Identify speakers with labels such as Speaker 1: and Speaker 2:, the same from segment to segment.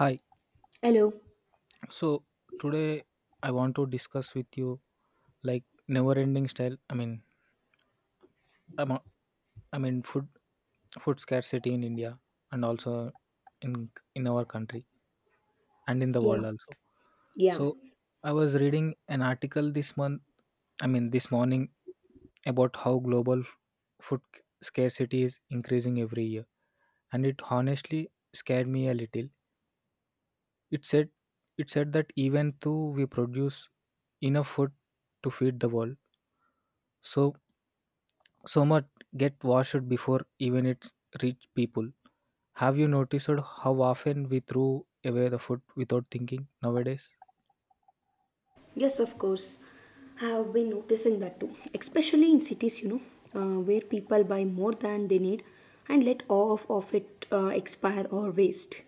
Speaker 1: Hi.
Speaker 2: Hello.
Speaker 1: So today I want to discuss with you like never ending style. I'm a- I mean food scarcity in India and also in in our country and in the
Speaker 2: Yeah,
Speaker 1: world also.
Speaker 2: yeah.
Speaker 1: So I was reading an article this month. I mean this morning about how global food c- scarcity is increasing every year, and it honestly scared me a little. It said it said that even though we produce enough food to feed the world, So so much get washed before even it reach people. Have you noticed how often we throw away the food without thinking nowadays?
Speaker 2: Yes, of course. I have been noticing that too, especially in cities, you know, where people buy more than they need and let off of it expire or waste.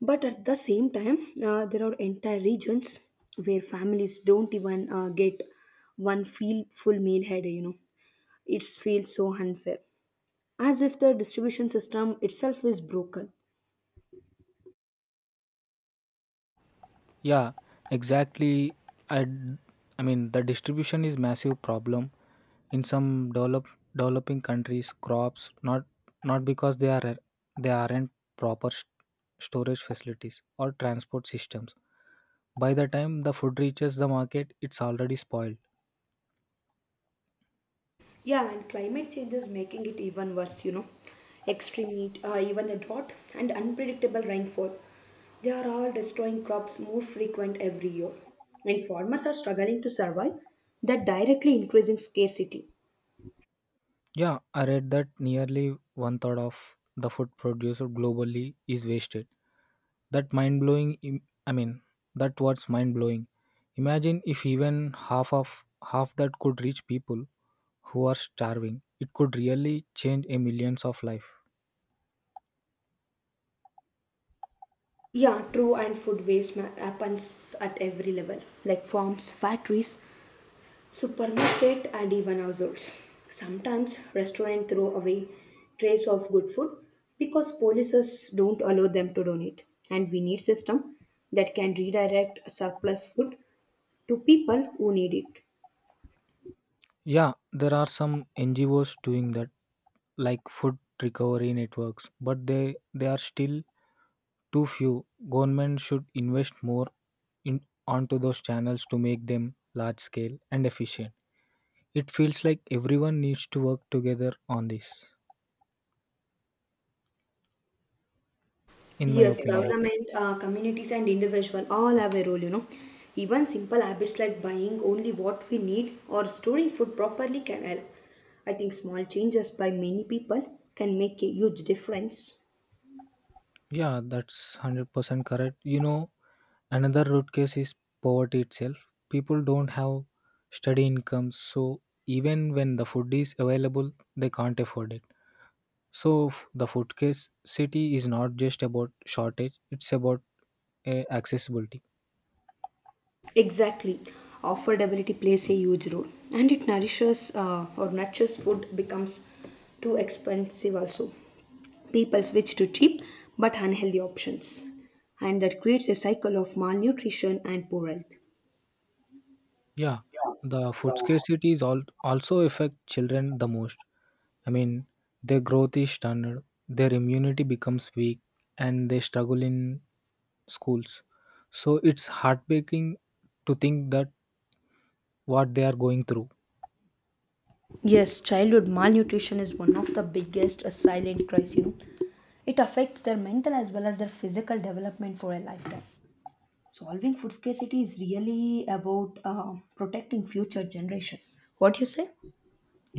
Speaker 2: But at the same time, there are entire regions where families don't even get one feel full meal head, It feels so unfair, as if the distribution system itself is broken.
Speaker 1: Yeah, exactly. I d- I mean the distribution is massive problem in some developing countries. Crops not because they are they aren't proper storage facilities or transport systems. By the time the food reaches the market, it's already spoiled.
Speaker 2: Yeah, and climate change is making it even worse, you know. Extreme heat, even the drought, and unpredictable rainfall. They are all destroying crops more frequent every year. And farmers are struggling to survive, that directly increasing scarcity.
Speaker 1: Yeah, I read that nearly one third of the food produced globally is wasted. That mind blowing. im- I mean, that what's mind blowing. Imagine if even half that could reach people who are starving. It could really change a millions of life.
Speaker 2: Yeah, true, and food waste happens at every level, like farms, factories, supermarket and even households. Sometimes restaurants throw away trays of good food because policies don't allow them to donate. And we need system that can redirect surplus food to people who need it.
Speaker 1: Yeah, there are some NGOs doing that, like food recovery networks, but they are still too few. Government should invest more in onto those channels to make them large scale and efficient. It feels like everyone needs to work together on this, in my
Speaker 2: Yes,
Speaker 1: opinion.
Speaker 2: government, communities, and individual all have a role. You know, even simple habits like buying only what we need or storing food properly can help. I think small changes by many people can make a huge difference.
Speaker 1: Yeah, that's 100% correct. You know, another root case is poverty itself. People don't have steady incomes, so even when the food is available, they can't afford it. So the foodcase city is not just about shortage; it's about accessibility.
Speaker 2: Exactly. Affordability plays a huge role and it nourishes or nurtures food becomes too expensive also. People switch to cheap but unhealthy options and that creates a cycle of malnutrition and poor health.
Speaker 1: Yeah, the food scarcity is all also affect children the most. I mean, their growth is stunted, their immunity becomes weak, and they struggle in schools. So it's heartbreaking to think that what they are going through.
Speaker 2: Yes, childhood malnutrition is one of the biggest silent cries, you know. It affects their mental as well as their physical development for a lifetime. Solving food scarcity is really about protecting future generation. What you say?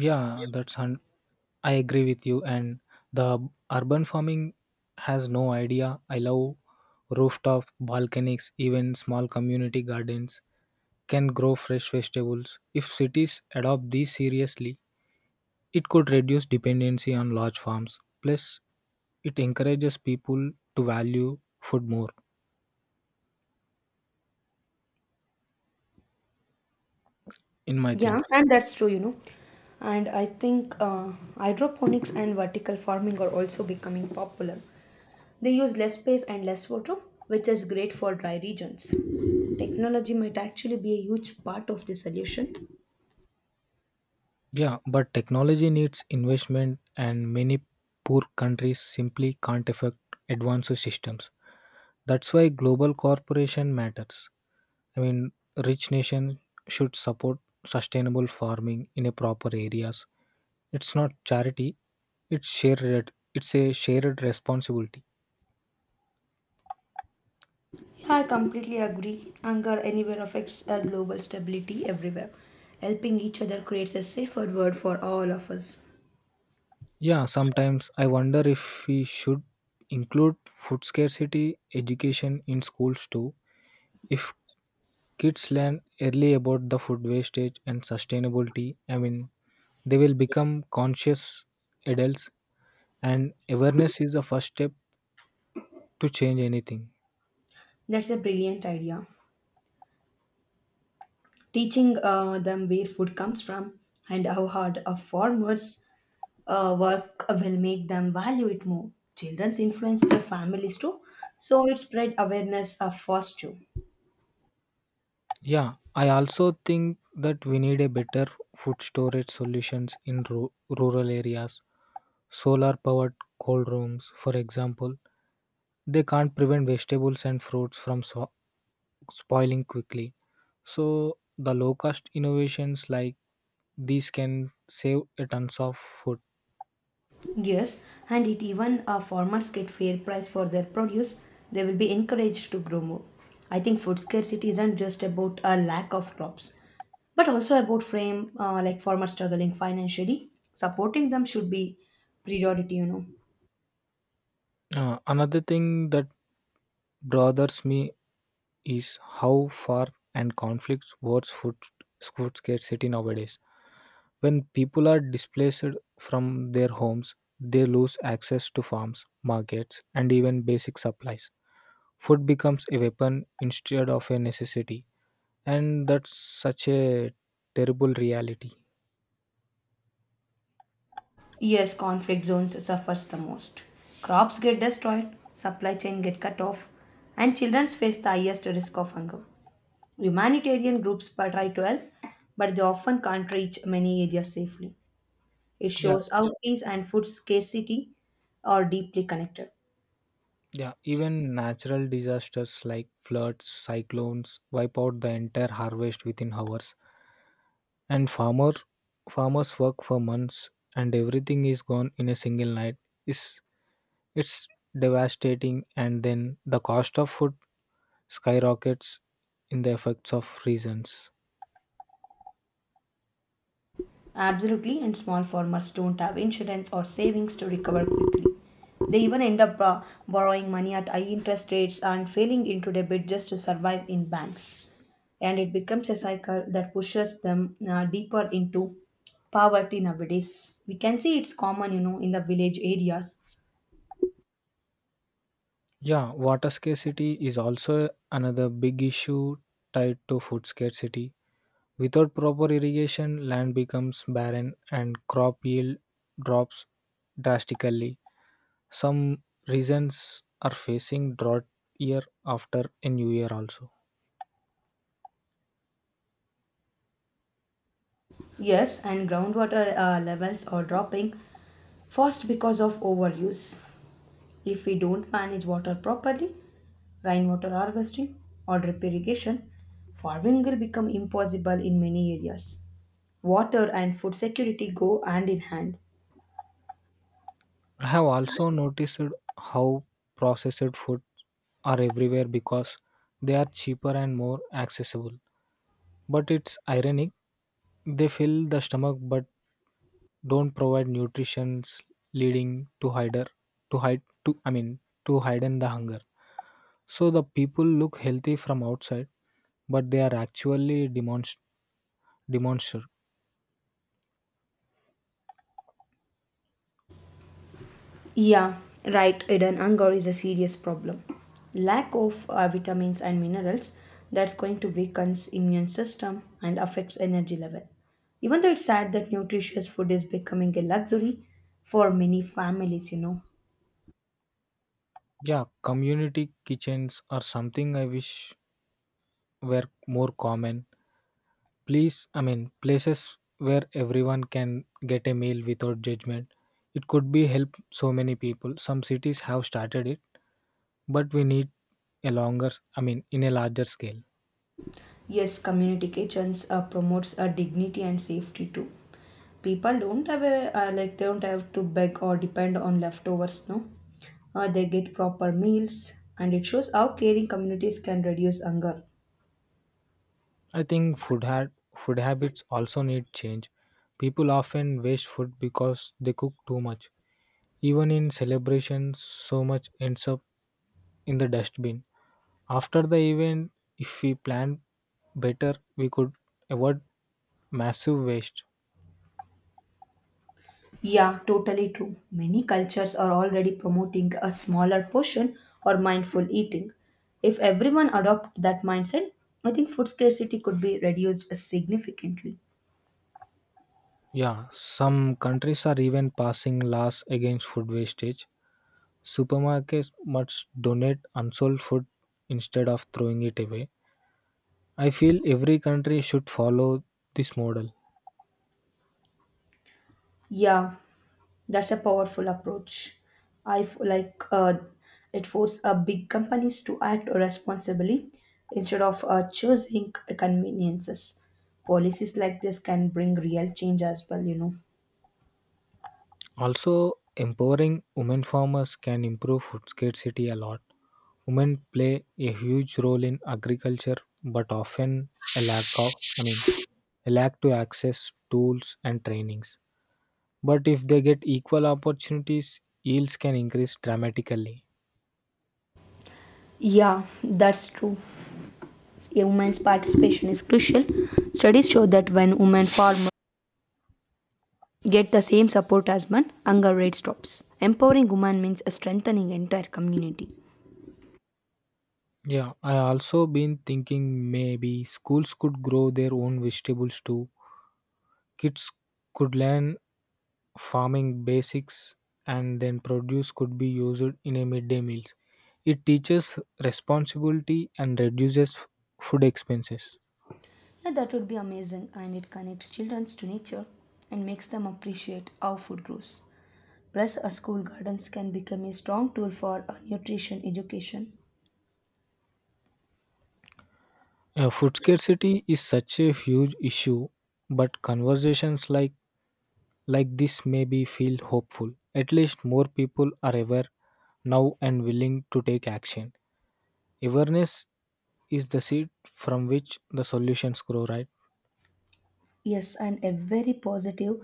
Speaker 1: Yeah, that's un- I agree with you. And the urban farming has no idea. I love rooftop balconies, even small community gardens can grow fresh vegetables. If cities adopt these seriously, it could reduce dependency on large farms. Plus, it encourages people to value food more, in my
Speaker 2: Yeah,
Speaker 1: thinking.
Speaker 2: and that's true, you know. And I think hydroponics and vertical farming are also becoming popular. They use less space and less water, which is great for dry regions. Technology might actually be a huge part of the solution.
Speaker 1: Yeah, but technology needs investment, and many poor countries simply can't afford advanced systems. That's why global cooperation matters. I mean, rich nations should support sustainable farming in a proper areas. It's not charity; it's a shared responsibility.
Speaker 2: Yeah, I completely agree. Hunger anywhere affects global stability everywhere. Helping each other creates a safer world for all of us.
Speaker 1: Yeah, sometimes I wonder if we should include food scarcity education in schools too. If kids learn early about the food wastage and sustainability. I mean, they will become conscious adults, and awareness is the first step to change anything.
Speaker 2: That's a brilliant idea. Teaching them where food comes from and how hard a farmer's work will make them value it more. Children's influence their families too, so it spread awareness first too.
Speaker 1: Yeah, I also think that we need a better food storage solutions in rural areas. Solar powered cold rooms, for example, they can't prevent vegetables and fruits from spoiling quickly. So the low cost innovations like these can save a tons of food.
Speaker 2: Yes, and it even farmers get fair price for their produce, they will be encouraged to grow more. I think food scarcity isn't just about a lack of crops, but also about frame like farmers struggling financially. Supporting them should be priority, you know.
Speaker 1: Another thing that bothers me is how far and conflicts words food scarcity nowadays. When people are displaced from their homes, they lose access to farms, markets, and even basic supplies. Food becomes a weapon instead of a necessity, and that's such a terrible reality.
Speaker 2: Yes, conflict zones suffers the most. Crops get destroyed, supply chain get cut off, and children face the highest risk of hunger. Humanitarian groups try to help, but they often can't reach many areas safely. It
Speaker 1: Yeah,
Speaker 2: shows how peace and food scarcity are deeply connected.
Speaker 1: Yeah, even natural disasters like floods, cyclones wipe out the entire harvest within hours, and farmers work for months, and everything is gone in a single night. It's it's devastating, and then the cost of food skyrockets in the effects of reasons.
Speaker 2: Absolutely, and small farmers don't have insurance or savings to recover quickly. They even end up borrowing money at high interest rates and failing into debt just to survive in banks. And it becomes a cycle that pushes them deeper into poverty nowadays. We can see it's common, you know, in the village areas.
Speaker 1: Yeah, water scarcity is also another big issue tied to food scarcity. Without proper irrigation, land becomes barren, and crop yield drops drastically. Some regions are facing drought year after a new year also.
Speaker 2: Yes, and groundwater levels are dropping fast because of overuse. If we don't manage water properly, rainwater harvesting or drip irrigation, farming will become impossible in many areas. Water and food security go hand in hand.
Speaker 1: I have also noticed how processed foods are everywhere because they are cheaper and more accessible. But it's ironic, they fill the stomach but don't provide nutrition, leading to hider to hide to I mean to hiden the hunger. So the people look healthy from outside, but they are actually demonster.
Speaker 2: Yeah, right. Hidden hunger is a serious problem. Lack of vitamins and minerals that's going to weaken immune system and affects energy level. Even though it's sad that nutritious food is becoming a luxury for many families, you know.
Speaker 1: Yeah, community kitchens are something I wish were more common. Please, I mean places where everyone can get a meal without judgment. It could be help so many people. Some cities have started it, but we need a longer, I mean in a larger scale.
Speaker 2: Yes, community kitchens promotes dignity and safety too. People don't have a like they don't have to beg or depend on leftovers. No, they get proper meals, and it shows how caring communities can reduce hunger.
Speaker 1: I think food had food habits also need change. People often waste food because they cook too much. Even in celebrations, so much ends up in the dustbin after the event. If we plan better, we could avoid massive waste.
Speaker 2: Yeah, totally true. Many cultures are already promoting a smaller portion or mindful eating. If everyone adopt that mindset, I think food scarcity could be reduced significantly.
Speaker 1: Yeah, some countries are even passing laws against food wastage. Supermarkets must donate unsold food instead of throwing it away. I feel every country should follow this model.
Speaker 2: Yeah, that's a powerful approach. Like it forces big companies to act responsibly instead of choosing conveniences. Policies like this can bring real change as well, you know.
Speaker 1: Also, empowering women farmers can improve food scarcity a lot. Women play a huge role in agriculture, but often a lack of, I mean, a lack to access tools and trainings. But if they get equal opportunities, yields can increase dramatically.
Speaker 2: Yeah, that's true. A woman's participation is crucial. Studies show that when women farmers get the same support as men, hunger rate drops. Empowering women means strengthening entire community.
Speaker 1: Yeah, I also been thinking maybe schools could grow their own vegetables too. Kids could learn farming basics, and then produce could be used in a midday meals. It teaches responsibility and reduces food expenses.
Speaker 2: Now that would be amazing and it connects children to nature and makes them appreciate how food grows. Plus, a school gardens can become a strong tool for nutrition education.
Speaker 1: Food scarcity is such a huge issue, but conversations like this maybe feel hopeful. At least more people are aware now and willing to take action. Awareness is the seed from which the solutions grow, right?
Speaker 2: Yes, and every positive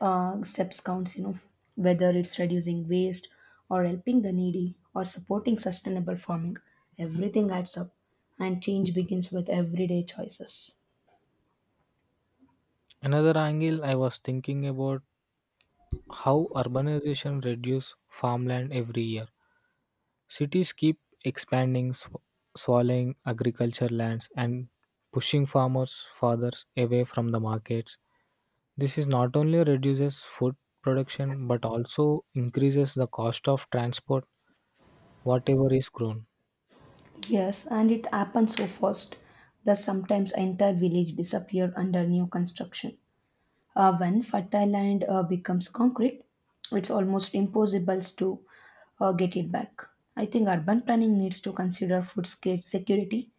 Speaker 2: steps counts, you know, whether it's reducing waste or helping the needy or supporting sustainable farming, everything adds up and change begins with everyday choices.
Speaker 1: Another angle I was thinking about how urbanization reduces farmland every year. Cities keep expanding, swallowing agriculture lands and pushing farmers further away from the markets. This is not only reduces food production but also increases the cost of transport whatever is grown.
Speaker 2: Yes, and it happens so fast that sometimes entire village disappear under new construction. When fertile land becomes concrete, it's almost impossible to get it back. I think urban planning needs to consider security,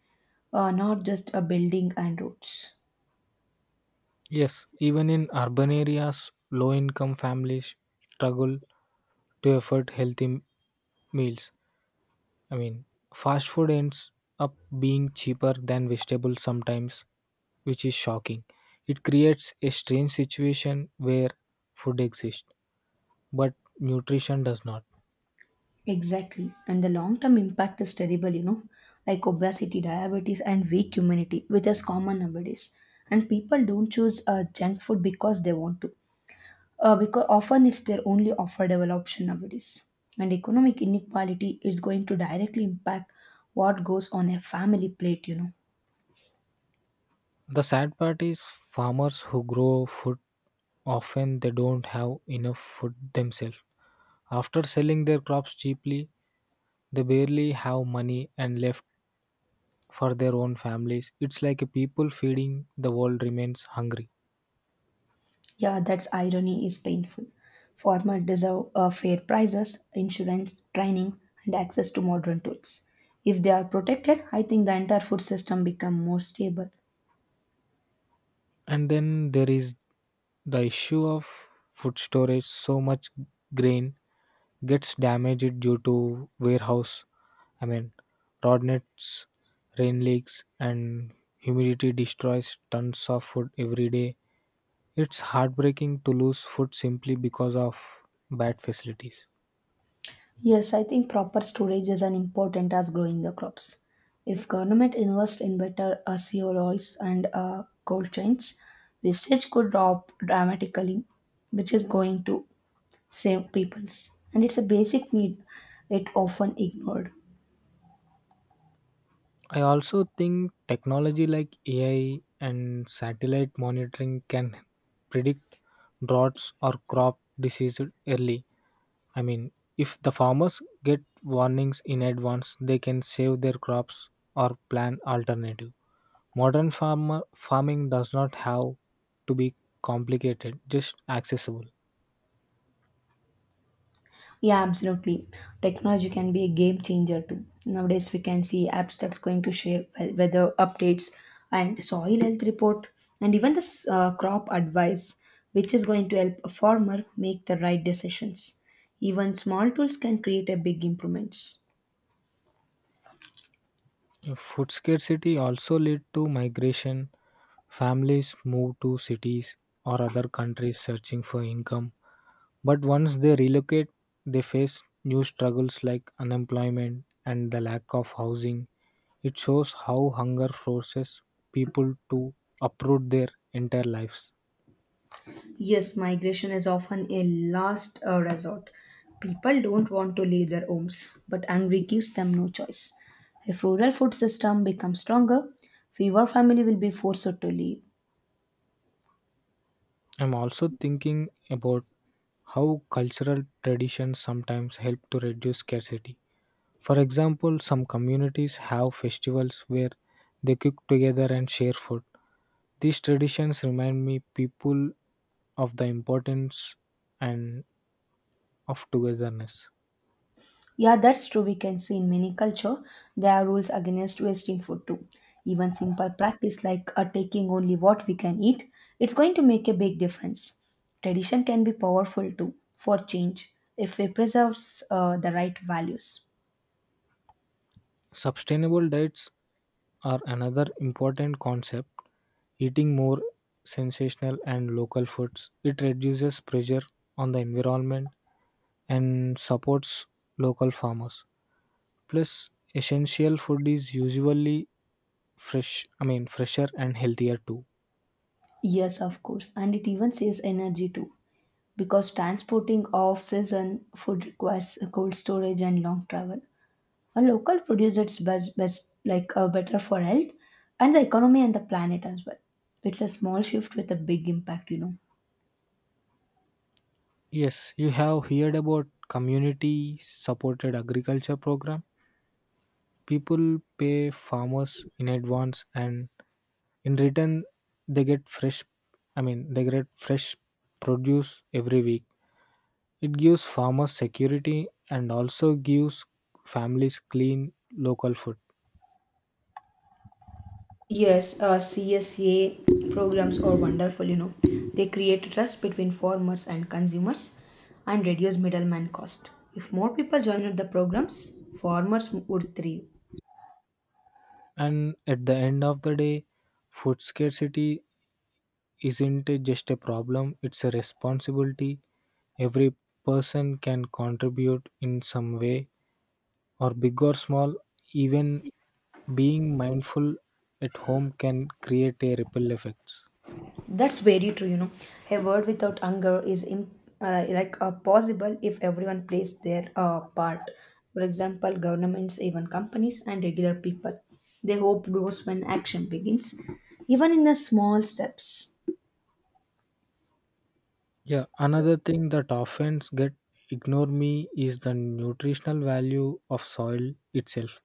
Speaker 2: not just a building and roads.
Speaker 1: Yes, even in urban areas, low income families struggle to afford healthy meals. I mean, fast food ends up being cheaper than vegetables sometimes, which is shocking. It creates a strange situation where food exists, but nutrition does not.
Speaker 2: Exactly. And the long term impact is terrible, you know, like obesity, diabetes, and weak immunity, which is common nowadays. And people don't choose junk food because they want to. Because often it's their only affordable option nowadays. And economic inequality is going to directly impact what goes on a family plate, you know.
Speaker 1: The sad part is farmers who grow food often they don't have enough food themselves. After selling their crops cheaply, they barely have money and left for their own families. It's like a people feeding the world remains hungry.
Speaker 2: Yeah, that's irony is painful. Farmers deserve fair prices, insurance, training, and access to modern tools. If they are protected, I think the entire food system become more stable.
Speaker 1: And then there is the issue of food storage. So much grain gets damaged due to warehouse, I mean, rod nets, rain leaks, and humidity destroys tons of food every day. It's heartbreaking to lose food simply because of bad facilities.
Speaker 2: Yes, I think proper storage is as important as growing the crops. If government invest in better COLs and cold chains, wastage could drop dramatically, which is going to save peoples. And it's a basic need, it often ignored.
Speaker 1: I also think technology like AI and satellite monitoring can predict droughts or crop diseases early. I mean, if the farmers get warnings in advance, they can save their crops or plan alternative. Modern farmer farming does not have to be complicated, just accessible.
Speaker 2: Yeah, absolutely. Technology can be a game changer too. Nowadays, we can see apps that's going to share weather updates and soil health report and even crop advice, which is going to help a farmer make the right decisions. Even small tools can create a big improvements.
Speaker 1: Food scarcity also lead to migration. Families move to cities or other countries searching for income. But once they relocate, they face new struggles like unemployment and the lack of housing. It shows how hunger forces people to uproot their entire lives.
Speaker 2: Yes, migration is often a last resort. People don't want to leave their homes, but hungry gives them no choice. If rural food system becomes stronger, fewer family will be forced to leave.
Speaker 1: I'm also thinking about how cultural traditions sometimes help to reduce scarcity. For example, some communities have festivals where they cook together and share food. These traditions remind me people of the importance and of togetherness.
Speaker 2: Yeah, that's true. We can see in many culture there are rules against wasting food too. Even simple practice like taking only what we can eat, it's going to make a big difference. Tradition can be powerful too for change if it preserves the right values.
Speaker 1: Sustainable diets are another important concept. Eating more sensational and local foods, it reduces pressure on the environment and supports local farmers. Plus, essential food is usually fresher and healthier too.
Speaker 2: Yes, of course, and it even saves energy too because transporting off season food requires a cold storage and long travel. A local produce it's best like better for health and the economy and the planet as well. It's a small shift with a big impact, you know.
Speaker 1: Yes, you have heard about community supported agriculture program. People pay farmers in advance, and in return they get fresh produce every week. It gives farmers security and also gives families clean local food.
Speaker 2: Yes, CSA programs are wonderful, you know. They create trust between farmers and consumers and reduce middleman cost. If more people joined the programs, farmers would thrive.
Speaker 1: And at the end of the day, food scarcity isn't it just a problem, it's a responsibility. Every person can contribute in some way, or big or small. Even being mindful at home can create a ripple effect.
Speaker 2: That's very true, you know. A world without anger is like possible if everyone plays their part. For example, governments, even companies, and regular people. They hope grows when action begins, even in the small steps.
Speaker 1: Yeah, another thing that often get ignore me is the nutritional value of soil itself.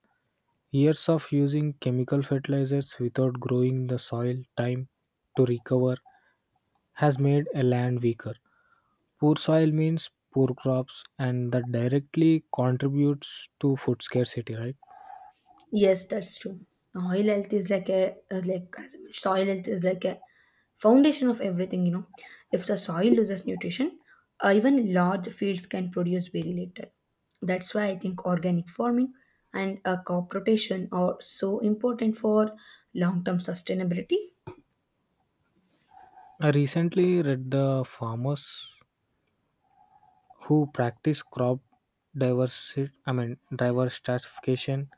Speaker 1: Years of using chemical fertilizers without growing the soil time to recover has made a land weaker. Poor soil means poor crops, and that directly contributes to food scarcity, right?
Speaker 2: Yes, that's true. Soil health is like a like as I mentioned, soil health is like a foundation of everything. You know, if the soil loses nutrition, even large fields can produce very little. That's why I think organic farming and crop rotation are so important for long-term sustainability.
Speaker 1: I recently read the farmers who practice crop diversity, I mean diversification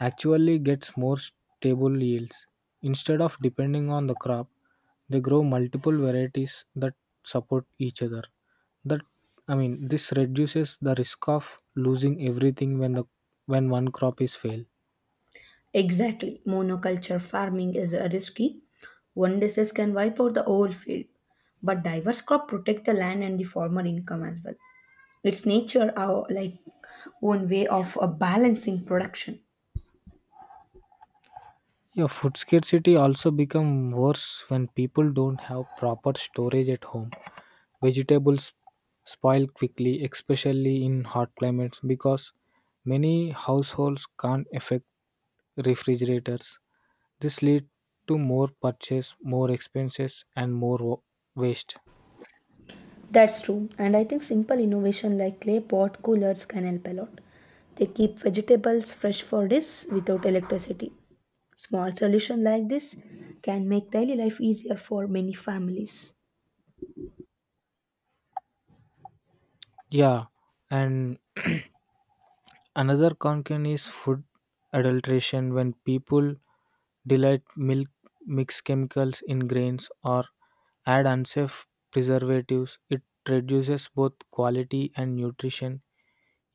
Speaker 1: actually gets more stable yields. Instead of depending on the crop, they grow multiple varieties that support each other. That I mean this reduces the risk of losing everything when the when one crop is fail.
Speaker 2: Exactly, monoculture farming is risky. One disease can wipe out the whole field, but diverse crop protect the land and the farmer income as well. It's nature our like own way of balancing production.
Speaker 1: Yeah, food scarcity also become worse when people don't have proper storage at home. Vegetables spoil quickly, especially in hot climates, because many households can't affect refrigerators. This lead to more purchase, more expenses, and more waste.
Speaker 2: That's true, and I think simple innovation like clay pot coolers can help a lot. They keep vegetables fresh for days without electricity. Small solution like this can make daily life easier for many families.
Speaker 1: Yeah, and another concern is food adulteration. When people delight milk, mix chemicals in grains, or add unsafe preservatives, it reduces both quality and nutrition.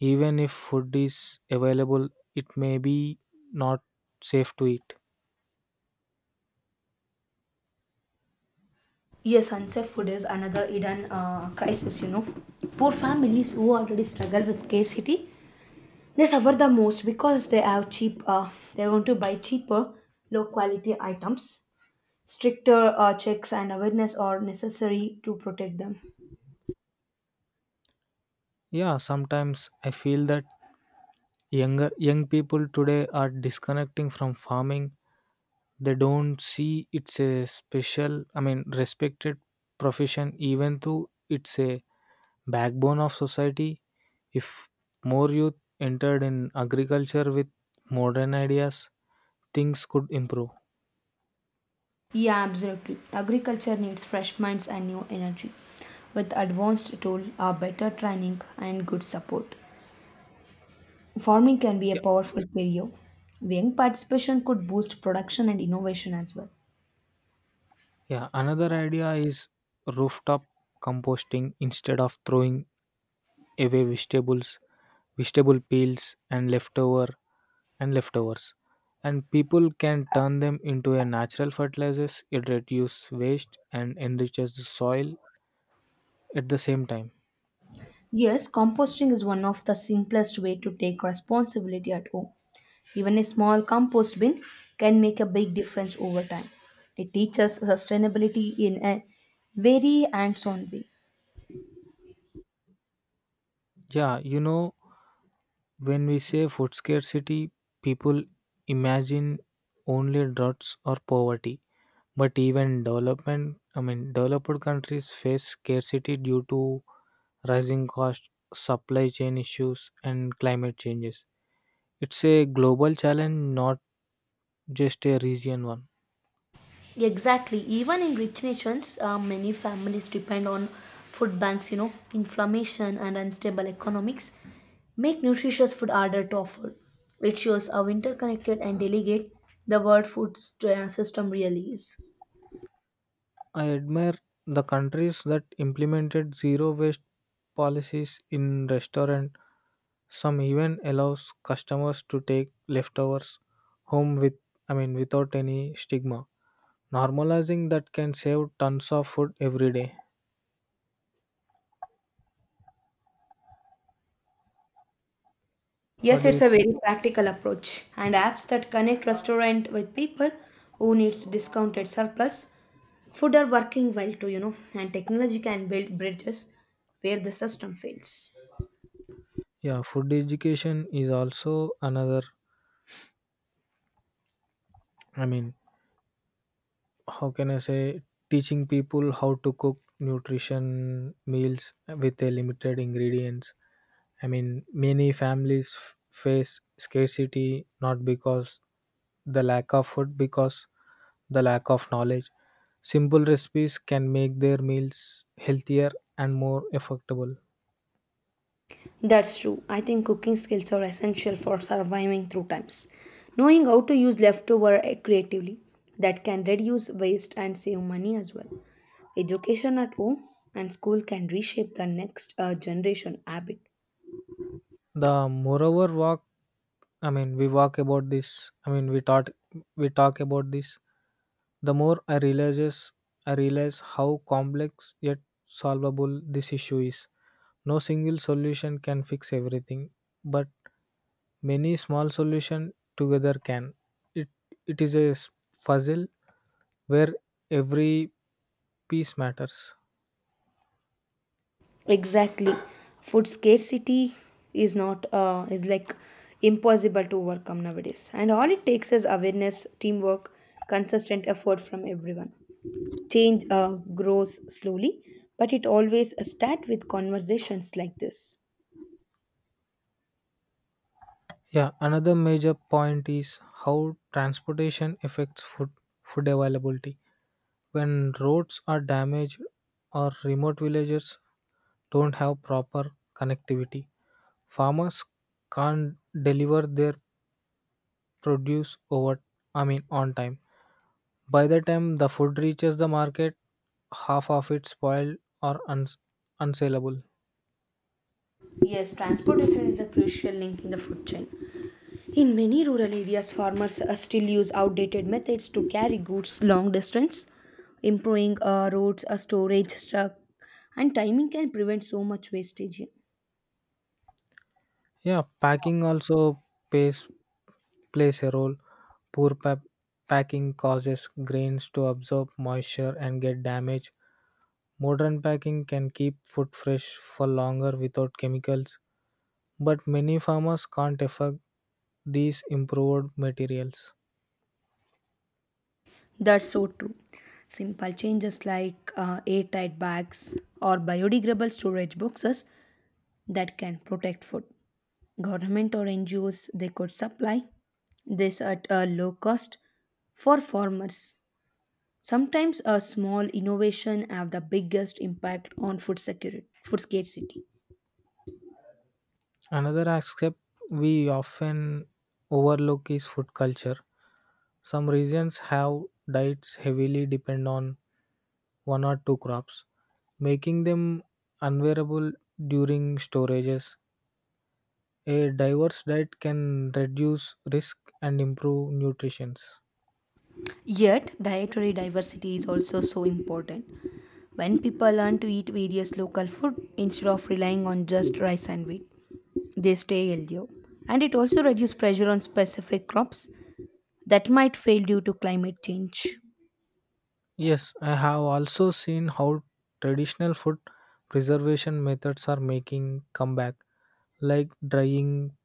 Speaker 1: Even if food is available, it may be not safe to eat.
Speaker 2: Yes, unsafe food is another hidden crisis, you know. Poor families who already struggle with scarcity, they suffer the most because they have cheap, they want to buy cheaper, low quality items. Stricter checks and awareness are necessary to protect them.
Speaker 1: Yeah, sometimes I feel that young people today are disconnecting from farming. They don't see it's a special I mean respected profession, even though it's a backbone of society. If more youth entered in agriculture with modern ideas, things could improve.
Speaker 2: Yeah, absolutely. Agriculture needs fresh minds and new energy. With advanced tool, better training, and good support, farming can be a
Speaker 1: Yeah.
Speaker 2: powerful career. Young participation could boost production and innovation as well.
Speaker 1: Yeah, another idea is rooftop composting. Instead of throwing away vegetable peels and leftovers. And people can turn them into a natural fertilizers, it reduces waste and enriches the soil at the same time.
Speaker 2: Yes, composting is one of the simplest way to take responsibility at home. Even a small compost bin can make a big difference over time. It teaches sustainability in a very hands on way.
Speaker 1: Yeah, you know, when we say food scarcity, people imagine only droughts or poverty. But even developed countries face scarcity due to rising costs, supply chain issues, and climate changes. It's a global challenge, not just a region one.
Speaker 2: Exactly. Even in rich nations, many families depend on food banks. You know, inflammation and unstable economics make nutritious food harder to afford. It shows how interconnected and delicate the world system really is.
Speaker 1: I admire the countries that implemented zero waste policies in restaurant. Some even allows customers to take leftovers home without any stigma. Normalizing that can save tons of food every day. What
Speaker 2: Yes,
Speaker 1: do you
Speaker 2: it's a
Speaker 1: think?
Speaker 2: very practical approach, and apps that connect restaurant with people who needs discounted surplus food are working well too, you know, and technology can build bridges where the system fails.
Speaker 1: Yeah, food education is also another, I mean, how can I say teaching people how to cook nutrition meals with a limited ingredients. I mean, many families face scarcity not because the lack of food, because the lack of knowledge. Simple recipes can make their meals healthier and more affordable.
Speaker 2: That's true. I think cooking skills are essential for surviving through times. Knowing how to use leftover creatively that can reduce waste and save money as well. Education at home and school can reshape the next generation habit.
Speaker 1: The moreover walk, I mean, we walk about this. I mean, we taught, we talk about this, the more I realize how complex yet solvable this issue is. No single solution can fix everything, but many small solutions together can. It, it is a puzzle where every piece matters.
Speaker 2: Exactly. Food scarcity is not is like impossible to overcome nowadays. And all it takes is awareness, teamwork, consistent effort from everyone. Change grows slowly, but it always starts with conversations like this.
Speaker 1: Yeah, another major point is how transportation affects food availability. When roads are damaged or remote villages don't have proper connectivity, farmers can't deliver their produce over I mean on time. By the time the food reaches the market, half of it spoiled or unsaleable.
Speaker 2: Yes, transportation is a crucial link in the food chain. In many rural areas, farmers still use outdated methods to carry goods long distance. Improving roads, storage, truck, and timing can prevent so much wastage.
Speaker 1: Yeah, packing also pays, plays a role. Poor packing causes grains to absorb moisture and get damaged. Modern packing can keep food fresh for longer without chemicals, but many farmers can't afford these improved materials.
Speaker 2: That's so true. Simple changes like airtight bags or biodegradable storage boxes that can protect food. Government or NGOs they could supply this at a low cost for farmers. Sometimes a small innovation have the biggest impact on food security, food scarcity.
Speaker 1: Another aspect we often overlook is food culture. Some regions have diets heavily depend on one or two crops, making them unwearable during storages. A diverse diet can reduce risk and improve nutrition.
Speaker 2: Yet dietary diversity is also so important. When people learn to eat various local food instead of relying on just rice and wheat, they stay healthier. And it also reduces pressure on specific crops that might fail due to climate change.
Speaker 1: Yes, I have also seen how traditional food preservation methods are making comeback, like drying,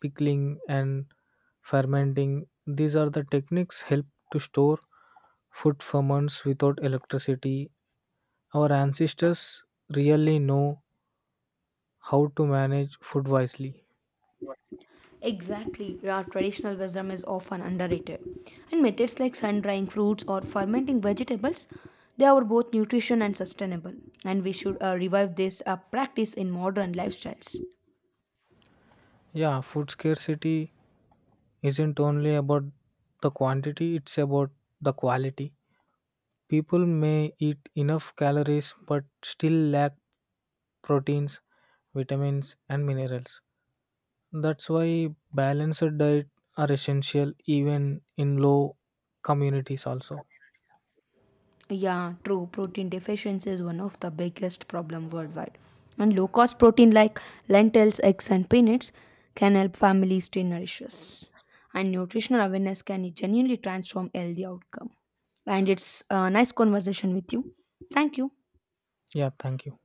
Speaker 1: pickling, and fermenting. These are the techniques help to store food ferments without electricity. Our ancestors really know how to manage food wisely.
Speaker 2: Exactly, our traditional wisdom is often underrated. And methods like sun drying fruits or fermenting vegetables, they are both nutrition and sustainable. And we should revive this practice in modern lifestyles.
Speaker 1: Yeah, food scarcity isn't only about the quantity, it's about the quality. People may eat enough calories but still lack proteins, vitamins, and minerals. That's why balanced diet are essential even in low communities also.
Speaker 2: Yeah, true. Protein deficiency is one of the biggest problem worldwide. And low cost protein like lentils, eggs, and peanuts can help families stay nourished. And nutritional awareness can genuinely transform healthy outcome. And it's a nice conversation with you. Thank you.
Speaker 1: Yeah, thank you.